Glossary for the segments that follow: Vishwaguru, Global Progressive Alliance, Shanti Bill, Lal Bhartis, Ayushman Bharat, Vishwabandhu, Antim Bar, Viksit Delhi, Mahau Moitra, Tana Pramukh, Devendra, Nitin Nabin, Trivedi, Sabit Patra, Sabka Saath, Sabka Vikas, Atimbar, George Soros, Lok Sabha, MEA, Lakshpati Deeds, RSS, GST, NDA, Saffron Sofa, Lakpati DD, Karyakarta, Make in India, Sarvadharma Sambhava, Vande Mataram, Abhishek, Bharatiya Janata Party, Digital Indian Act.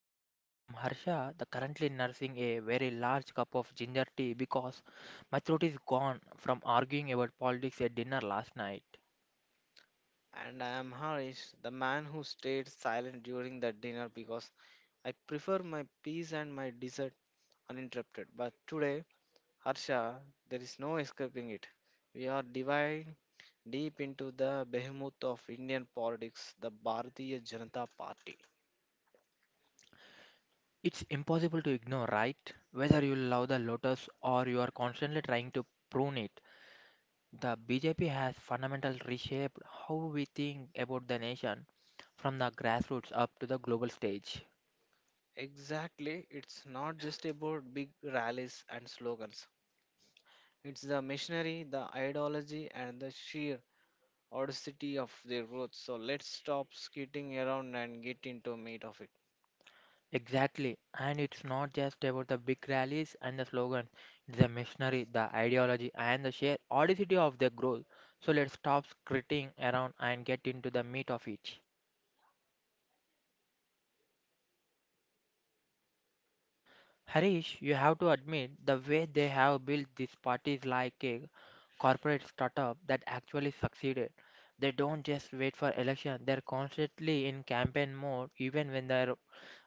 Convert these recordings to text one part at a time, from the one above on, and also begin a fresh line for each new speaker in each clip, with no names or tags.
Sofa. I am Harsha, the currently nursing a very large cup of ginger tea because my throat is gone from arguing about politics at dinner last night.
And I am Harish, the man who stayed silent during the dinner because I prefer my peace and my dessert uninterrupted. But today, Harsha, there is no escaping it. We are diving deep into the behemoth of Indian politics, the Bharatiya Janata Party.
It's impossible to ignore, right? Whether you love the lotus or you are constantly trying to prune it, the BJP has fundamentally reshaped how we think about the nation from the grassroots up to the global stage.
Exactly, it's not just about big rallies and slogans. It's the machinery, the ideology, and the sheer audacity of their roots. So let's stop skating around and get into meat of it.
Exactly, and it's not just about the big rallies and the slogans, it's the machinery, the ideology, and the sheer audacity of their growth. So let's stop skirting around and get into the meat of it. Harish, you have to admit the way they have built these parties like a corporate startup that actually succeeded. They don't just wait for election, they're constantly in campaign mode even when there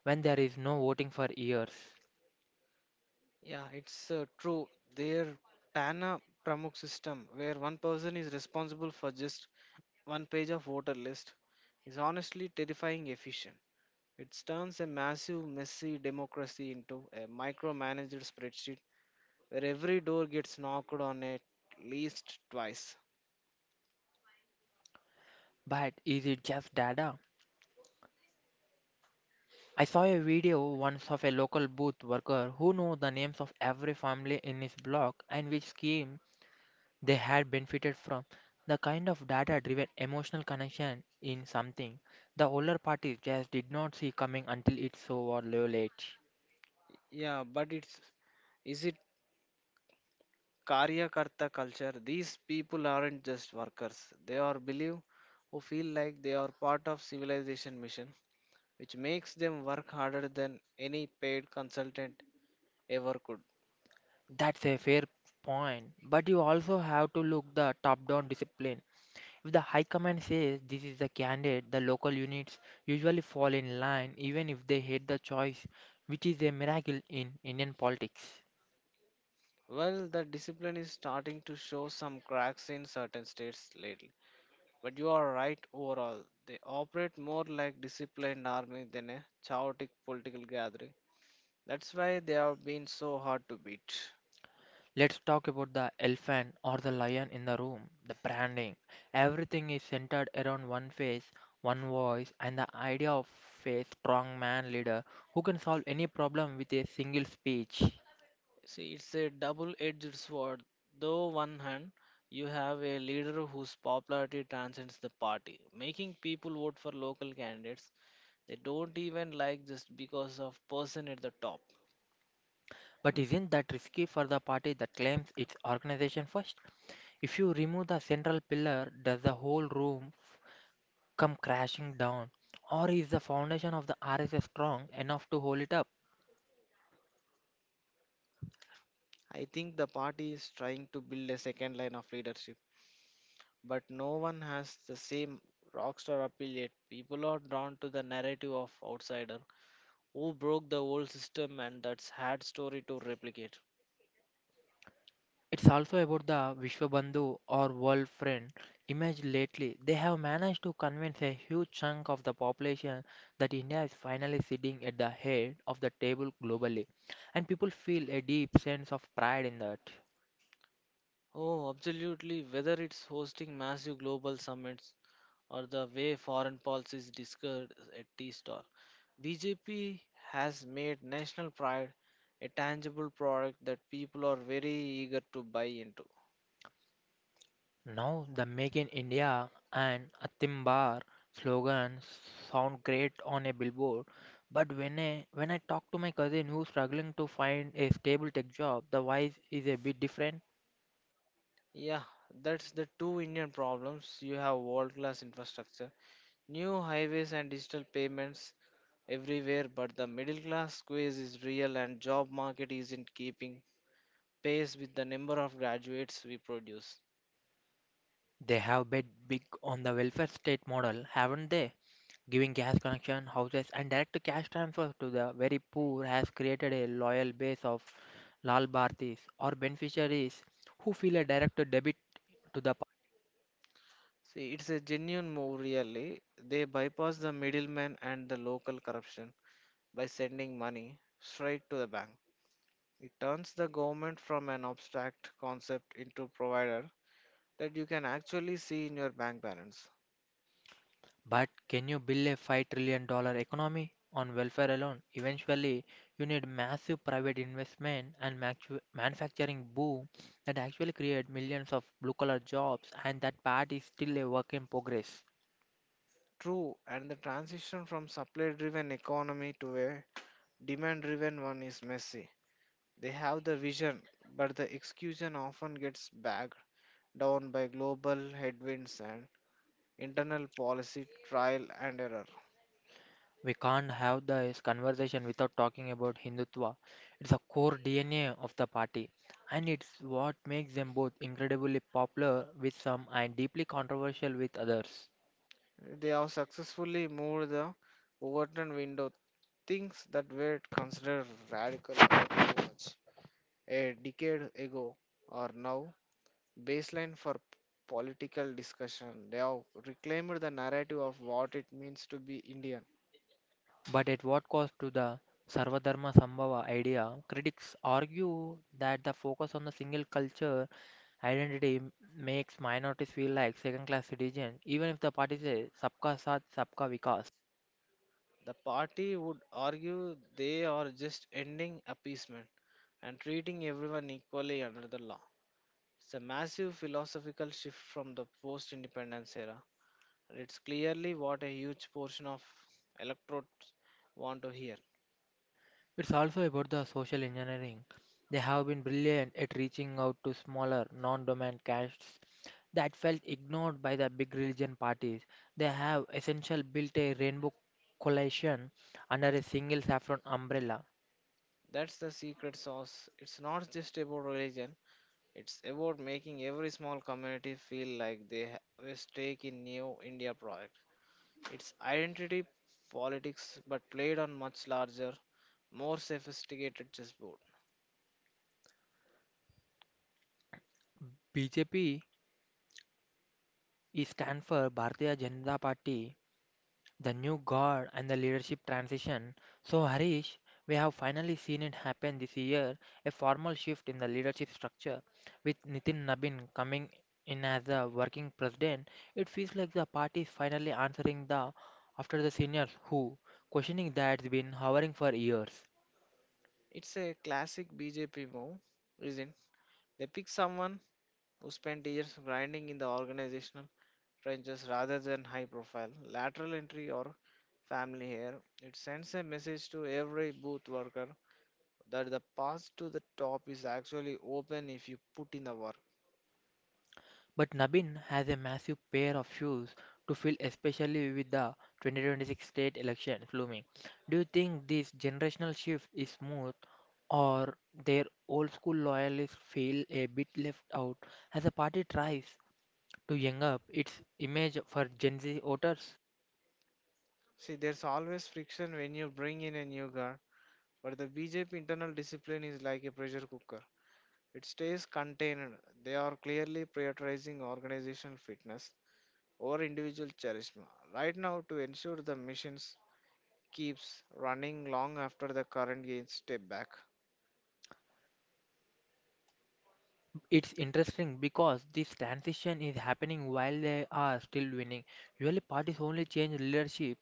when there is no voting for years.
Yeah, it's true. Their Tana Pramukh system, where one person is responsible for just one page of voter list, is honestly terrifying efficient. It turns a massive, messy democracy into a micromanaged spreadsheet where every door gets knocked on at least twice.
But is it just data? I saw a video once of a local booth worker who knew the names of every family in his block and which scheme they had benefited from. The kind of data driven emotional connection in something the older parties just did not see coming until it's so or low late.
Yeah, but it's is it Karyakarta culture? These people aren't just workers. They are believe who feel like they are part of civilization mission, which makes them work harder than any paid consultant ever could.
That's a fair point, but you also have to look the top down discipline. If the high command says this is the candidate, the local units usually fall in line even if they hate the choice, which is a miracle in Indian politics.
Well, the discipline is starting to show some cracks in certain states lately, but you are right overall. They operate more like disciplined army than a chaotic political gathering. That's why they have been so hard to beat.
Let's talk about the elephant or the lion in the room, the branding. Everything is centered around one face, one voice, and the idea of a strong man leader who can solve any problem with a single speech.
See, it's a double-edged sword. Though one hand, you have a leader whose popularity transcends the party, making people vote for local candidates they don't even like just because of person at the top.
But isn't that risky for the party that claims its organization first? If you remove the central pillar, does the whole room come crashing down? Or is the foundation of the RSS strong enough to hold it up?
I think the party is trying to build a second line of leadership, but no one has the same rockstar appeal yet. People are drawn to the narrative of outsider who broke the old system, and that's hard story to replicate.
It's also about the Vishwabandhu or world friend image lately. They have managed to convince a huge chunk of the population that India is finally sitting at the head of the table globally, and people feel a deep sense of pride in that.
Oh, absolutely. Whether it's hosting massive global summits or the way foreign policy is discussed at T-Star, BJP has made national pride a tangible product that people are very eager to buy into.
Now, the Make in India and Atimbar slogans sound great on a billboard, but when I talk to my cousin who's struggling to find a stable tech job, the voice is a bit different.
Yeah, that's the two Indian problems. You have world-class infrastructure, new highways and digital payments everywhere, but the middle class squeeze is real and job market isn't keeping pace with the number of graduates we produce.
They have bet big on the welfare state model, haven't they? Giving gas connection, houses, and direct cash transfers to the very poor has created a loyal base of Lal Bhartis or beneficiaries who feel a direct debit to the pa-
See, it's a genuine move, really. They bypass the middleman and the local corruption by sending money straight to the bank. It turns the government from an abstract concept into a provider that you can actually see in your bank balance.
But can you build a $5 trillion dollar economy on welfare alone? Eventually, you need massive private investment and manufacturing boom that actually create millions of blue collar jobs, and that part is still a work in progress.
True, and the transition from supply driven economy to a demand driven one is messy. They have the vision, but the execution often gets bogged down by global headwinds and internal policy trial and error.
We can't have this conversation without talking about Hindutva. It's a core DNA of the party, and it's what makes them both incredibly popular with some and deeply controversial with others.
They have successfully moved the Overton window. Things that were considered radical approach a decade ago are now baseline for political discussion. They have reclaimed the narrative of what it means to be Indian.
But at what cost to the Sarvadharma Sambhava idea? Critics argue that the focus on the single culture identity makes minorities feel like second class citizens, even if the party says Sabka Saath, Sabka Vikas.
The party would argue they are just ending appeasement and treating everyone equally under the law. It's a massive philosophical shift from the post independence era. It's clearly what a huge portion of electorates want to hear.
It's also about the social engineering. They have been brilliant at reaching out to smaller, non dominant castes that felt ignored by the big religion parties. They have essentially built a rainbow coalition under a single saffron umbrella.
That's the secret sauce. It's not just about religion, it's about making every small community feel like they have a stake in New India project. It's identity politics but played on much larger, more sophisticated chessboard.
BJP is stand for Bharatiya Janata Party, the new guard and the leadership transition. So, Harish, we have finally seen it happen this year, a formal shift in the leadership structure with Nitin Nabin coming in as the working president. It feels like the party is finally answering the after the seniors who questioning that's been hovering for years.
It's a classic BJP move, isn't it? They pick someone who spent years grinding in the organization ranges rather than high profile, lateral entry, or family hair. It sends a message to every booth worker that the path to the top is actually open if you put in the work.
But Nabin has a massive pair of shoes to fill, especially with the 2026 state elections looming. Do you think this generational shift is smooth, or their old school loyalists feel a bit left out as the party tries to young up its image for Gen Z voters?
See, there's always friction when you bring in a new guard, but the BJP internal discipline is like a pressure cooker. It stays contained. They are clearly prioritizing organizational fitness over individual charisma right now to ensure the missions keeps running long after the current gains step back.
It's interesting because this transition is happening while they are still winning. Usually, parties only change leadership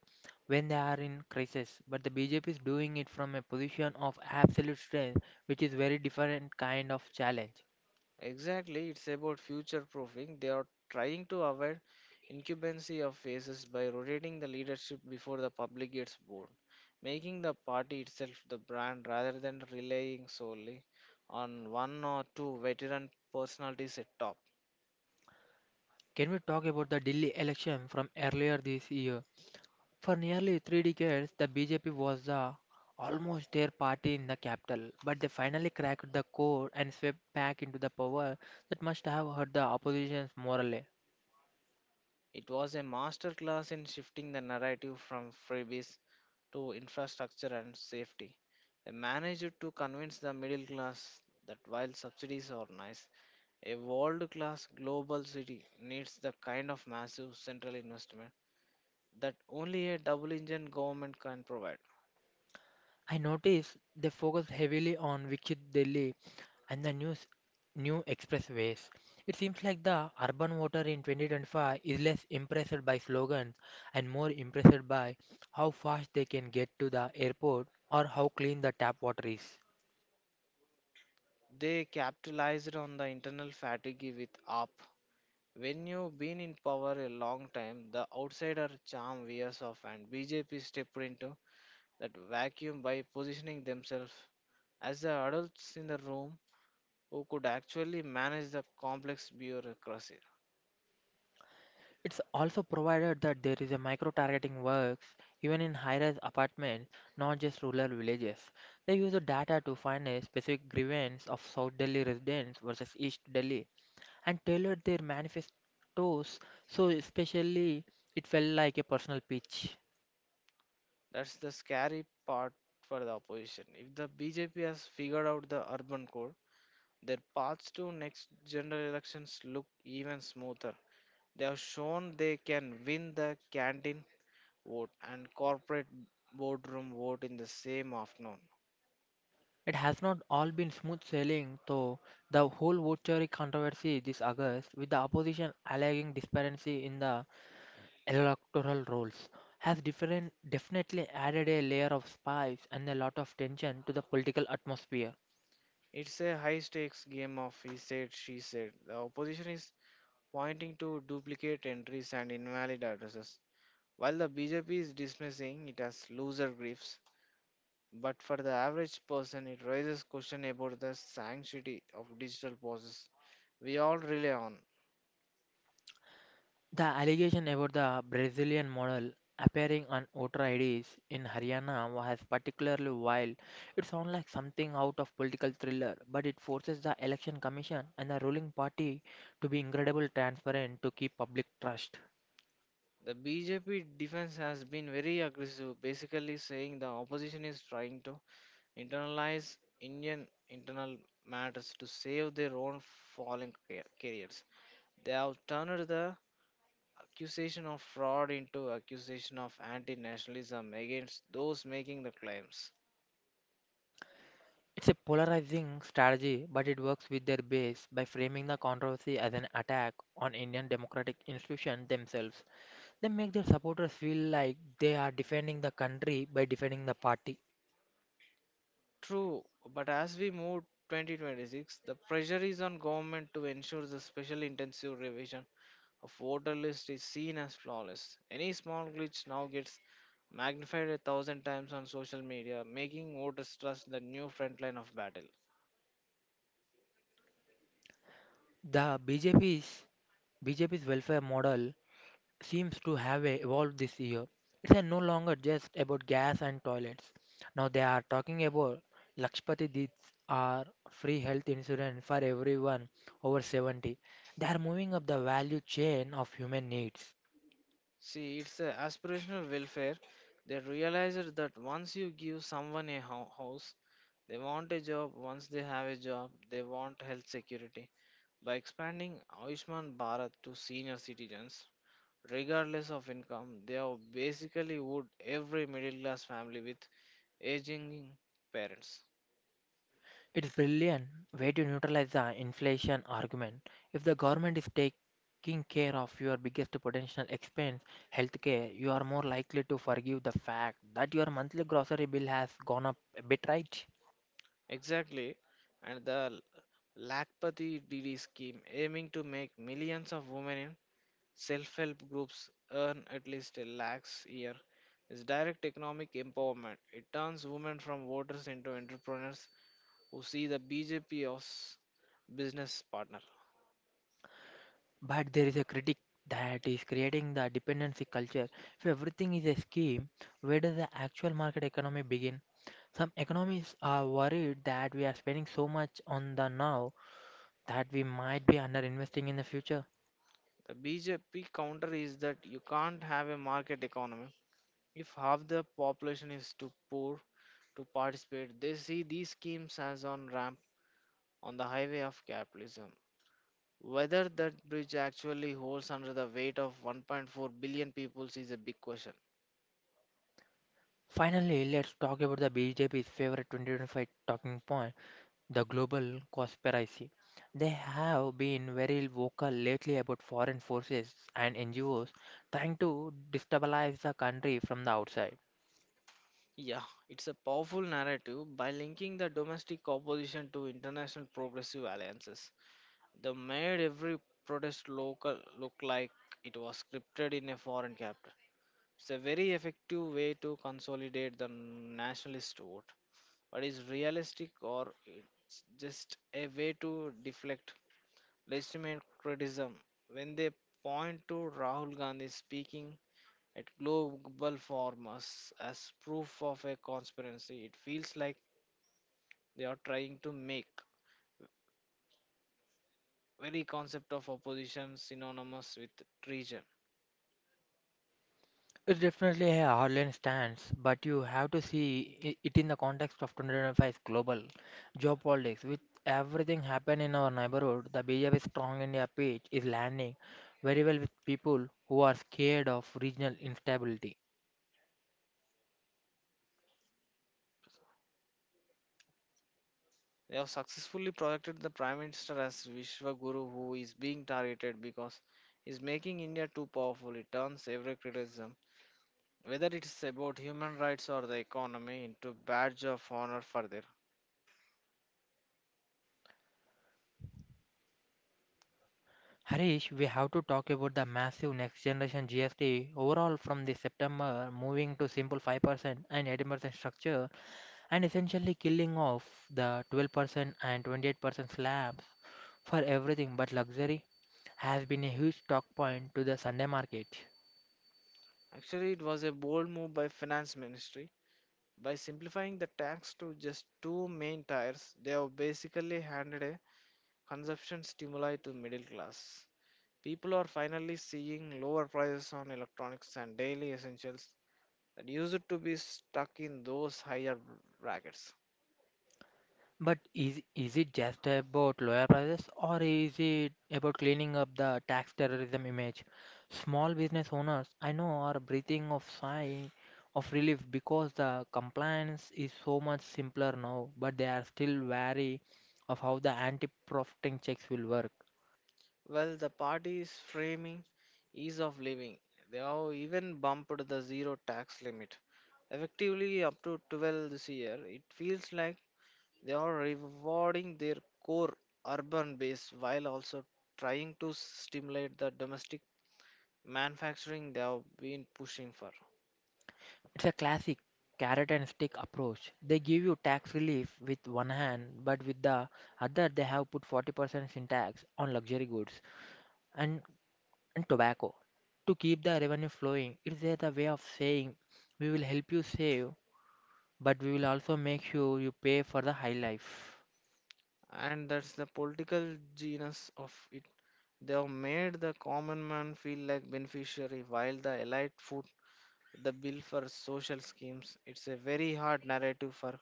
when they are in crisis, but the BJP is doing it from a position of absolute strength, which is very different kind of challenge.
Exactly, it's about future proofing. They are trying to avoid incumbency of faces by rotating the leadership before the public gets bored, making the party itself the brand rather than relying solely on one or two veteran personalities at top.
Can we talk about the Delhi election from earlier this year? For nearly three decades, the BJP was the almost their party in the capital, but they finally cracked the code and swept back into the power that must have hurt the opposition morally.
It was a masterclass in shifting the narrative from freebies to infrastructure and safety. They managed to convince the middle class that while subsidies are nice, a world class global city needs the kind of massive central investment that only a double engine government can provide.
I noticed they focused heavily on Viksit Delhi and the new expressways. It seems like the urban voter in 2025 is less impressed by slogans and more impressed by how fast they can get to the airport or how clean the tap water is.
They capitalized on the internal fatigue with up. When you've been in power a long time, the outsider charm wears off, and BJP stepped into that vacuum by positioning themselves as the adults in the room who could actually manage the complex bureaucracy.
It's also provided that there is a micro-targeting works even in high-rise apartments, not just rural villages. They use the data to find a specific grievance of South Delhi residents versus East Delhi and tailored their manifestos so especially it felt like a personal pitch.
That's the scary part for the opposition. If the BJP has figured out the urban core, their paths to next general elections look even smoother. They have shown they can win the canteen vote and corporate boardroom vote in the same afternoon.
It has not all been smooth sailing, though. The whole votary controversy this August, with the opposition alleging disparity in the electoral rolls, has definitely added a layer of spice and a lot of tension to the political atmosphere.
It's a high stakes game of he said, she said. The opposition is pointing to duplicate entries and invalid addresses, while the BJP is dismissing it as loser griefs. But for the average person, it raises question about the sanctity of digital process we all rely on.
The allegation about the Brazilian model appearing on voter IDs in Haryana was particularly wild. It sounds like something out of political thriller, but it forces the election commission and the ruling party to be incredibly transparent to keep public trust.
The BJP defense has been very aggressive, basically saying the opposition is trying to internalize Indian internal matters to save their own falling careers. They have turned the accusation of fraud into accusation of anti-nationalism against those making the claims.
It's a polarizing strategy, but it works with their base by framing the controversy as an attack on Indian democratic institutions themselves. They make their supporters feel like they are defending the country by defending the party.
True, but as we move 2026, the pressure is on government to ensure the special intensive revision of voter list is seen as flawless. Any small glitch now gets magnified a thousand times on social media, making voters trust the new front line of battle.
The BJP's welfare model seems to have evolved this year. It's no longer just about gas and toilets. Now they are talking about Lakshpati Deeds are free health insurance for everyone over 70. They are moving up the value chain of human needs.
See, it's a aspirational welfare. They realized that once you give someone a house, they want a job. Once they have a job, they want health security. By expanding Ayushman Bharat to senior citizens, regardless of income. They are basically would every middle class family with aging parents.
It's brilliant way to neutralize the inflation argument. If the government is taking care of your biggest potential expense, healthcare, you are more likely to forgive the fact that your monthly grocery bill has gone up a bit, right?
Exactly, and the Lakpati DD scheme aiming to make millions of women in self-help groups earn at least a lakhs year is direct economic empowerment. It turns women from voters into entrepreneurs who see the BJP as business partner.
But there is a critic that is creating the dependency culture. If everything is a scheme, where does the actual market economy begin? Some economists are worried that we are spending so much on the now that we might be underinvesting in the future.
The BJP counter is that you can't have a market economy if half the population is too poor to participate. They see these schemes as on ramp on the highway of capitalism. Whether that bridge actually holds under the weight of 1.4 billion people is a big question.
Finally, let's talk about the BJP's favorite 2025 talking point, the global conspiracy. They have been very vocal lately about foreign forces and NGOs trying to destabilize the country from the outside.
Yeah, it's a powerful narrative by linking the domestic opposition to international progressive alliances. They made every protest local look like it was scripted in a foreign capital. It's a very effective way to consolidate the nationalist vote. But is realistic or it's just a way to deflect legitimate criticism when they point to Rahul Gandhi speaking at global forums as proof of a conspiracy. It feels like they are trying to make very concept of opposition synonymous with treason.
It's definitely a hardline stance, but you have to see it in the context of 2025's global geopolitics. With everything happening in our neighborhood, the BJP's Strong India page is landing very well with people who are scared of regional instability.
They have successfully projected the Prime Minister as Vishwaguru, who is being targeted because he's making India too powerful. It turns every criticism, whether it's about human rights or the economy, into badge of honor for further.
Harish, we have to talk about the massive next generation GST overall from the September moving to simple 5% and 18% structure, and essentially killing off the 12% and 28% slabs for everything but luxury has been a huge talk point to the Sunday market.
Actually, it was a bold move by finance ministry. By simplifying the tax to just two main tiers, they have basically handed a consumption stimuli to middle class. People are finally seeing lower prices on electronics and daily essentials that used to be stuck in those higher brackets.
But is it just about lower prices, or is it about cleaning up the tax terrorism image? Small business owners I know are breathing of sigh of relief because the compliance is so much simpler now, but they are still wary of how the anti-profiting checks will work.
Well, the party's framing ease of living. They have even bumped the zero tax limit. Effectively, up to 12 this year, it feels like they are rewarding their core urban base while also trying to stimulate the domestic manufacturing they have been pushing for.
It's a classic carrot and stick approach. They give you tax relief with one hand, but with the other they have put 40% in tax on luxury goods. And and tobacco. To keep the revenue flowing, it is a way of saying we will help you save, but we will also make sure you pay for the high life.
And that's the political genius of it. They have made the common man feel like beneficiary while the elite food the bill for social schemes. It's a very hard narrative for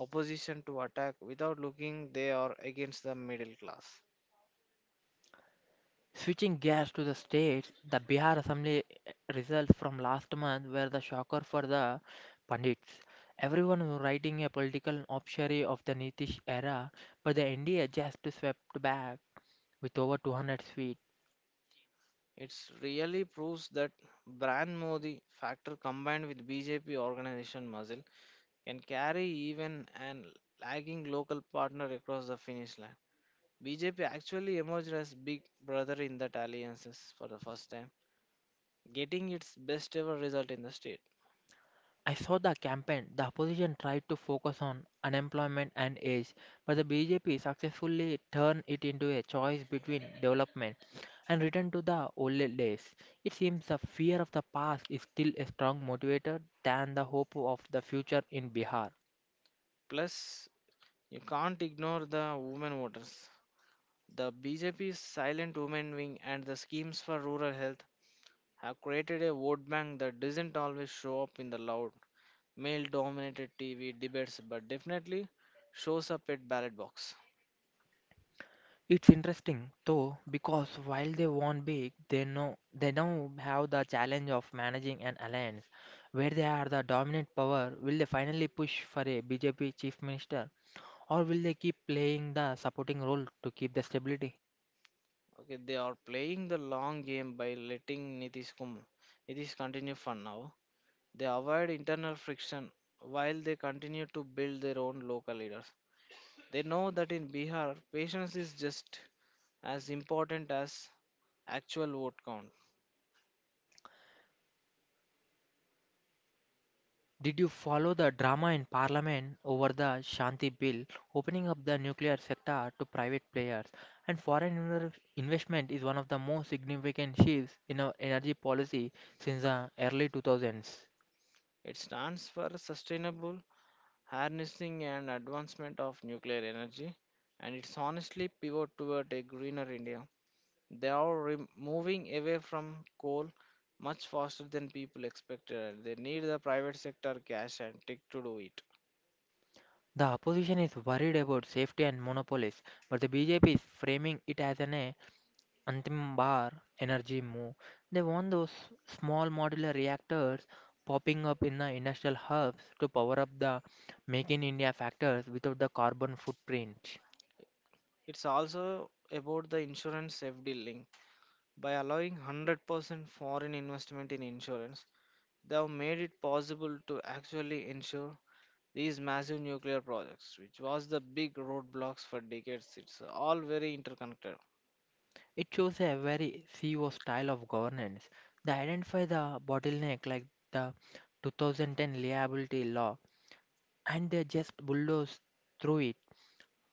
opposition to attack without looking they are against the middle class.
Switching gears to the states, the Bihar Assembly results from last month were the shocker for the pundits. Everyone was writing a political obituary of the Nitish era, but the NDA just swept back with over 200 feet.
It really proves that brand Modi factor combined with BJP organization muscle can carry even an lagging local partner across the finish line. BJP actually emerged as big brother in that alliances for the first time, getting its best ever result in the state.
I saw the campaign. The opposition tried to focus on unemployment and age, but the BJP successfully turned it into a choice between development and return to the old days. It seems the fear of the past is still a strong motivator than the hope of the future in Bihar.
Plus, you can't ignore the women voters. The BJP's silent women wing and the schemes for rural health have created a vote bank that doesn't always show up in the loud male dominated TV debates but definitely shows up at ballot box.
It's interesting though because while they won big, they know they now have the challenge of managing an alliance where they are the dominant power. Will they finally push for a BJP chief minister? Or will they keep playing the supporting role to keep the stability?
Okay, they are playing the long game by letting Nitish Kumar Nitish continue for now. They avoid internal friction while they continue to build their own local leaders. They know that in Bihar, patience is just as important as actual vote count.
Did you follow the drama in Parliament over the Shanti Bill, opening up the nuclear sector to private players? And investment is one of the most significant shifts in our energy policy since the early 2000s.
It stands for Sustainable Harnessing and Advancement of Nuclear Energy, and it's honestly pivot toward a greener India. They are moving away from coal much faster than people expected. They need the private sector cash and tech to do it.
The opposition is worried about safety and monopolies, but the BJP is framing it as an a Antim Bar, energy move. They want those small modular reactors popping up in the industrial hubs to power up the Make in India factors without the carbon footprint.
It's also about the insurance safety link. By allowing 100% foreign investment in insurance, they have made it possible to actually insure these massive nuclear projects, which was the big roadblocks for decades. It's all very interconnected.
It shows a very CEO style of governance. They identify the bottleneck, like the 2010 liability law, and they just bulldoze through it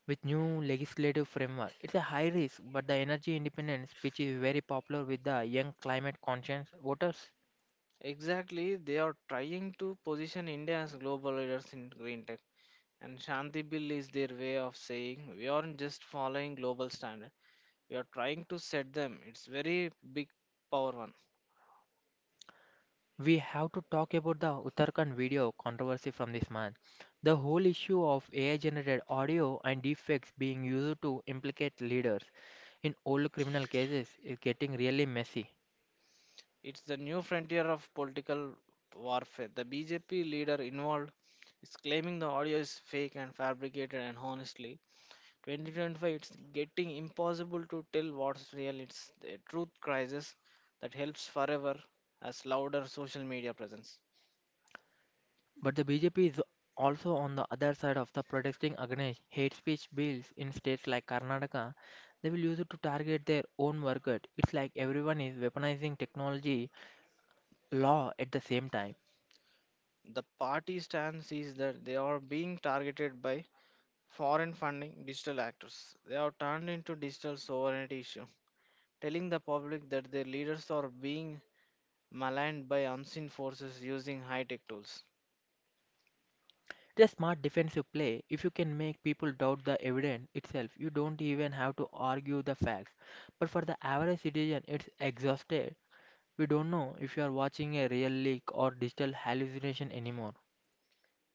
with new legislative framework. It's a high risk, but the energy independence, which is very popular with the young climate conscious voters.
Exactly, they are trying to position India as global leaders in green tech, and Shanti Bill is their way of saying we aren't just following global standard, we are trying to set them. It's very big power one.
We have to talk about the Uttarakhand video controversy from this month. The whole issue of AI generated audio and deepfakes being used to implicate leaders in old criminal cases is getting really messy.
It's the new frontier of political warfare. The BJP leader involved is claiming the audio is fake and fabricated, and honestly, 2025, it's getting impossible to tell what's real. It's a truth crisis that helps forever as louder social media presence.
But the BJP is also on the other side of the protesting against hate speech bills in states like Karnataka. They will use it to target their own workers. It's like everyone is weaponizing technology law at the same time.
The party stance is that they are being targeted by foreign funding digital actors. They are turned into digital sovereignty issue, telling the public that their leaders are being maligned by unseen forces using high-tech tools.
The smart defensive play, if you can make people doubt the evidence itself, you don't even have to argue the facts. But for the average citizen, it's exhausted. We don't know if you are watching a real leak or digital hallucination anymore.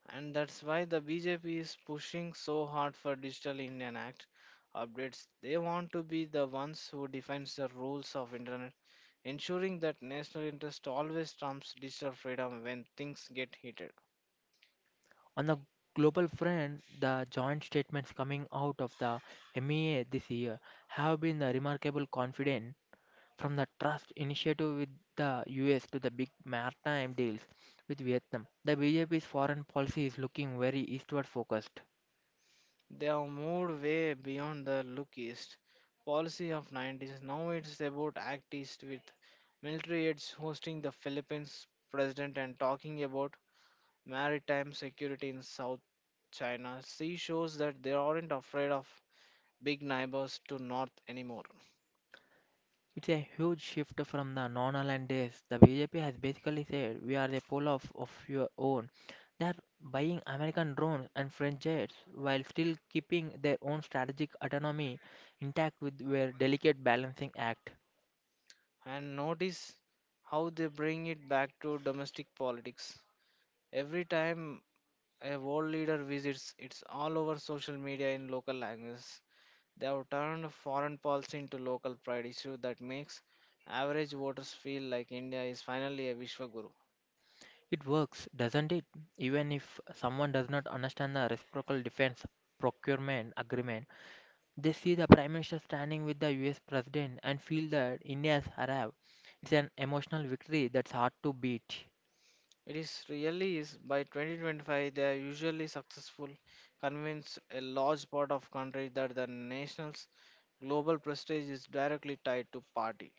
And that's why the BJP is pushing so hard for Digital Indian Act updates. They want to be the ones who defines the rules of internet, ensuring that national interest always trumps digital freedom when things get heated.
On the global front, the joint statements coming out of the MEA this year have been the remarkable confident, from the trust initiative with the US to the big maritime deals with Vietnam. The BJP's foreign policy is looking very eastward focused.
They have moved way beyond the look east policy of 90's. Now it's about act east with military aids hosting the Philippines president and talking about maritime security in South China Sea shows that they aren't afraid of big neighbors to North anymore.
It's a huge shift from the non-aligned days. The BJP has basically said we are the pole of your own. They are buying American drones and French jets while still keeping their own strategic autonomy intact with their delicate balancing act.
And notice how they bring it back to domestic politics. Every time a world leader visits, it's all over social media in local languages. They have turned foreign policy into local pride issue that makes average voters feel like India is finally a Vishwa Guru.
It works, doesn't it? Even if someone does not understand the reciprocal defense procurement agreement, they see the Prime Minister standing with the US President and feel that India has arrived. It's an emotional victory that's hard to beat.
It is really is by 2025 they are usually successful convince a large part of country that the national's global prestige is directly tied to party.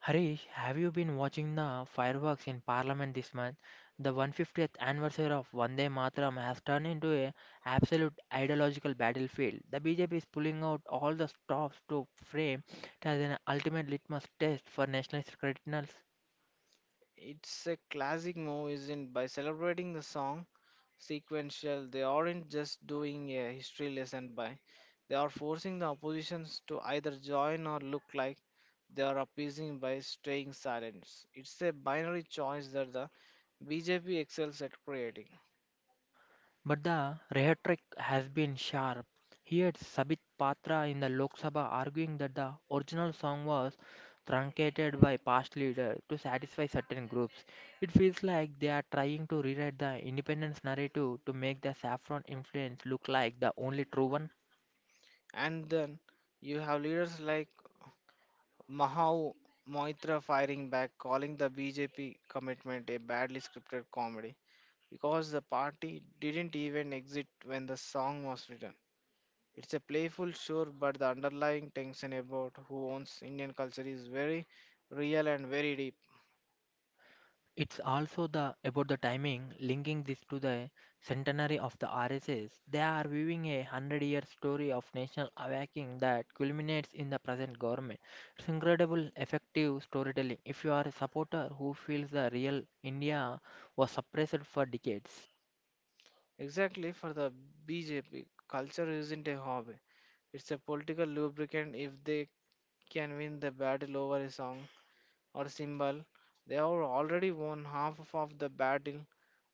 Harish, have you been watching the fireworks in Parliament this month? The 150th anniversary of Vande Mataram has turned into a absolute ideological battlefield. The BJP is pulling out all the stops to frame it as an ultimate litmus test for national credentials.
It's a classic move, isn't by celebrating the song sequential, they aren't just doing a history lesson by they are forcing the oppositions to either join or look like they are appeasing by staying silent. It's a binary choice that the BJP excels at creating.
But the rhetoric has been sharp. Here is Sabit Patra in the Lok Sabha arguing that the original song was truncated by past leaders to satisfy certain groups. It feels like they are trying to rewrite the independence narrative to make the saffron influence look like the only true one.
And then you have leaders like Mahau Moitra firing back, calling the BJP commitment a badly scripted comedy because the party didn't even exit when the song was written. It's a playful, sure, but the underlying tension about who owns Indian culture is very real and very deep.
It's also the about the timing, linking this to the centenary of the RSS. They are viewing a hundred-year story of national awakening that culminates in the present government. It's incredible, effective storytelling. If you are a supporter who feels the real India was suppressed for decades,
Exactly, for the BJP, culture isn't a hobby, it's a political lubricant. If they can win the battle over a song or symbol, they have already won half of the battle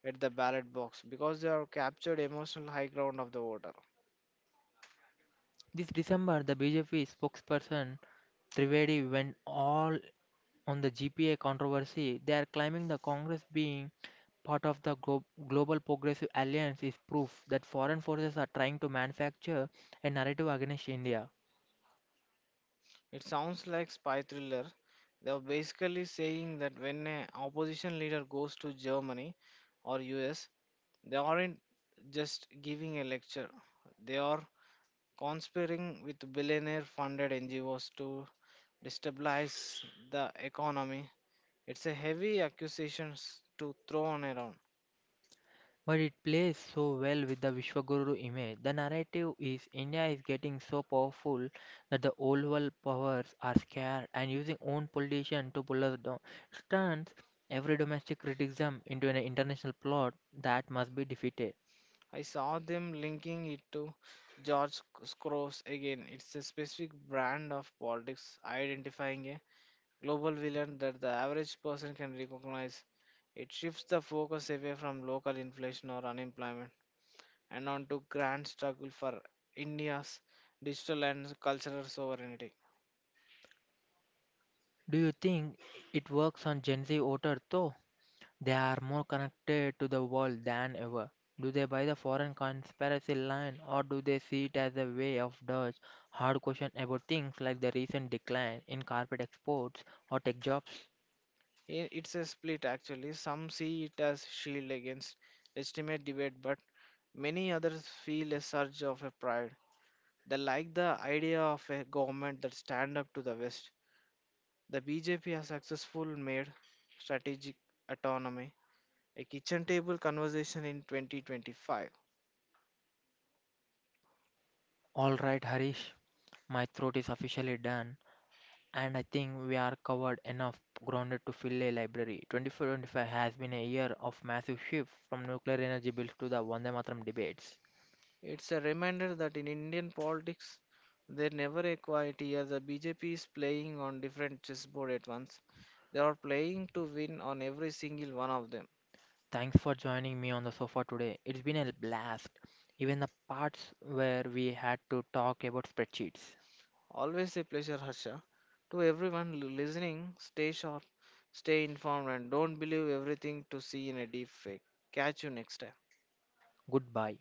at the ballot box because they have captured emotional high ground of the voter.
this December the BJP spokesperson Trivedi went all on the GPA controversy. They are claiming the Congress being part of the Global Progressive Alliance is proof that foreign forces are trying to manufacture a narrative against India.
It sounds like spy thriller. They are basically saying that when an opposition leader goes to Germany or US, they aren't just giving a lecture. They are conspiring with billionaire-funded NGOs to destabilize the economy. It's a heavy accusation to throw on around.
But it plays so well with the Vishwaguru image. The narrative is India is getting so powerful that the old world powers are scared and using own politician to pull us down. It turns every domestic criticism into an international plot that must be defeated.
I saw them linking it to George Soros again. It's a specific brand of politics identifying a global villain that the average person can recognize. It shifts the focus away from local inflation or unemployment and onto grand struggle for India's digital and cultural sovereignty.
Do you think it works on Gen Z voter though? They are more connected to the world than ever. Do they buy the foreign conspiracy line, or do they see it as a way of dodge hard question about things like the recent decline in carpet exports or tech jobs?
It's a split actually. Some see it as shield against legitimate debate, but many others feel a surge of a pride. They like the idea of a government that stand up to the West. The BJP has successfully made strategic autonomy a kitchen table conversation in 2025.
Alright, Harish, my throat is officially done and I think we are covered enough grounded to fill a library. 2025 has been a year of massive shift, from nuclear energy bills to the Vande Mataram debates.
It's a reminder that in Indian politics, there never a quiet year. The BJP is playing on different chessboard at once. They are playing to win on every single one of them.
Thanks for joining me on the sofa today. It's been a blast, even the parts where we had to talk about spreadsheets.
Always a pleasure, Harsha. To everyone listening, stay sharp, stay informed, and don't believe everything to see in a deep fake. Catch you next time.
Goodbye.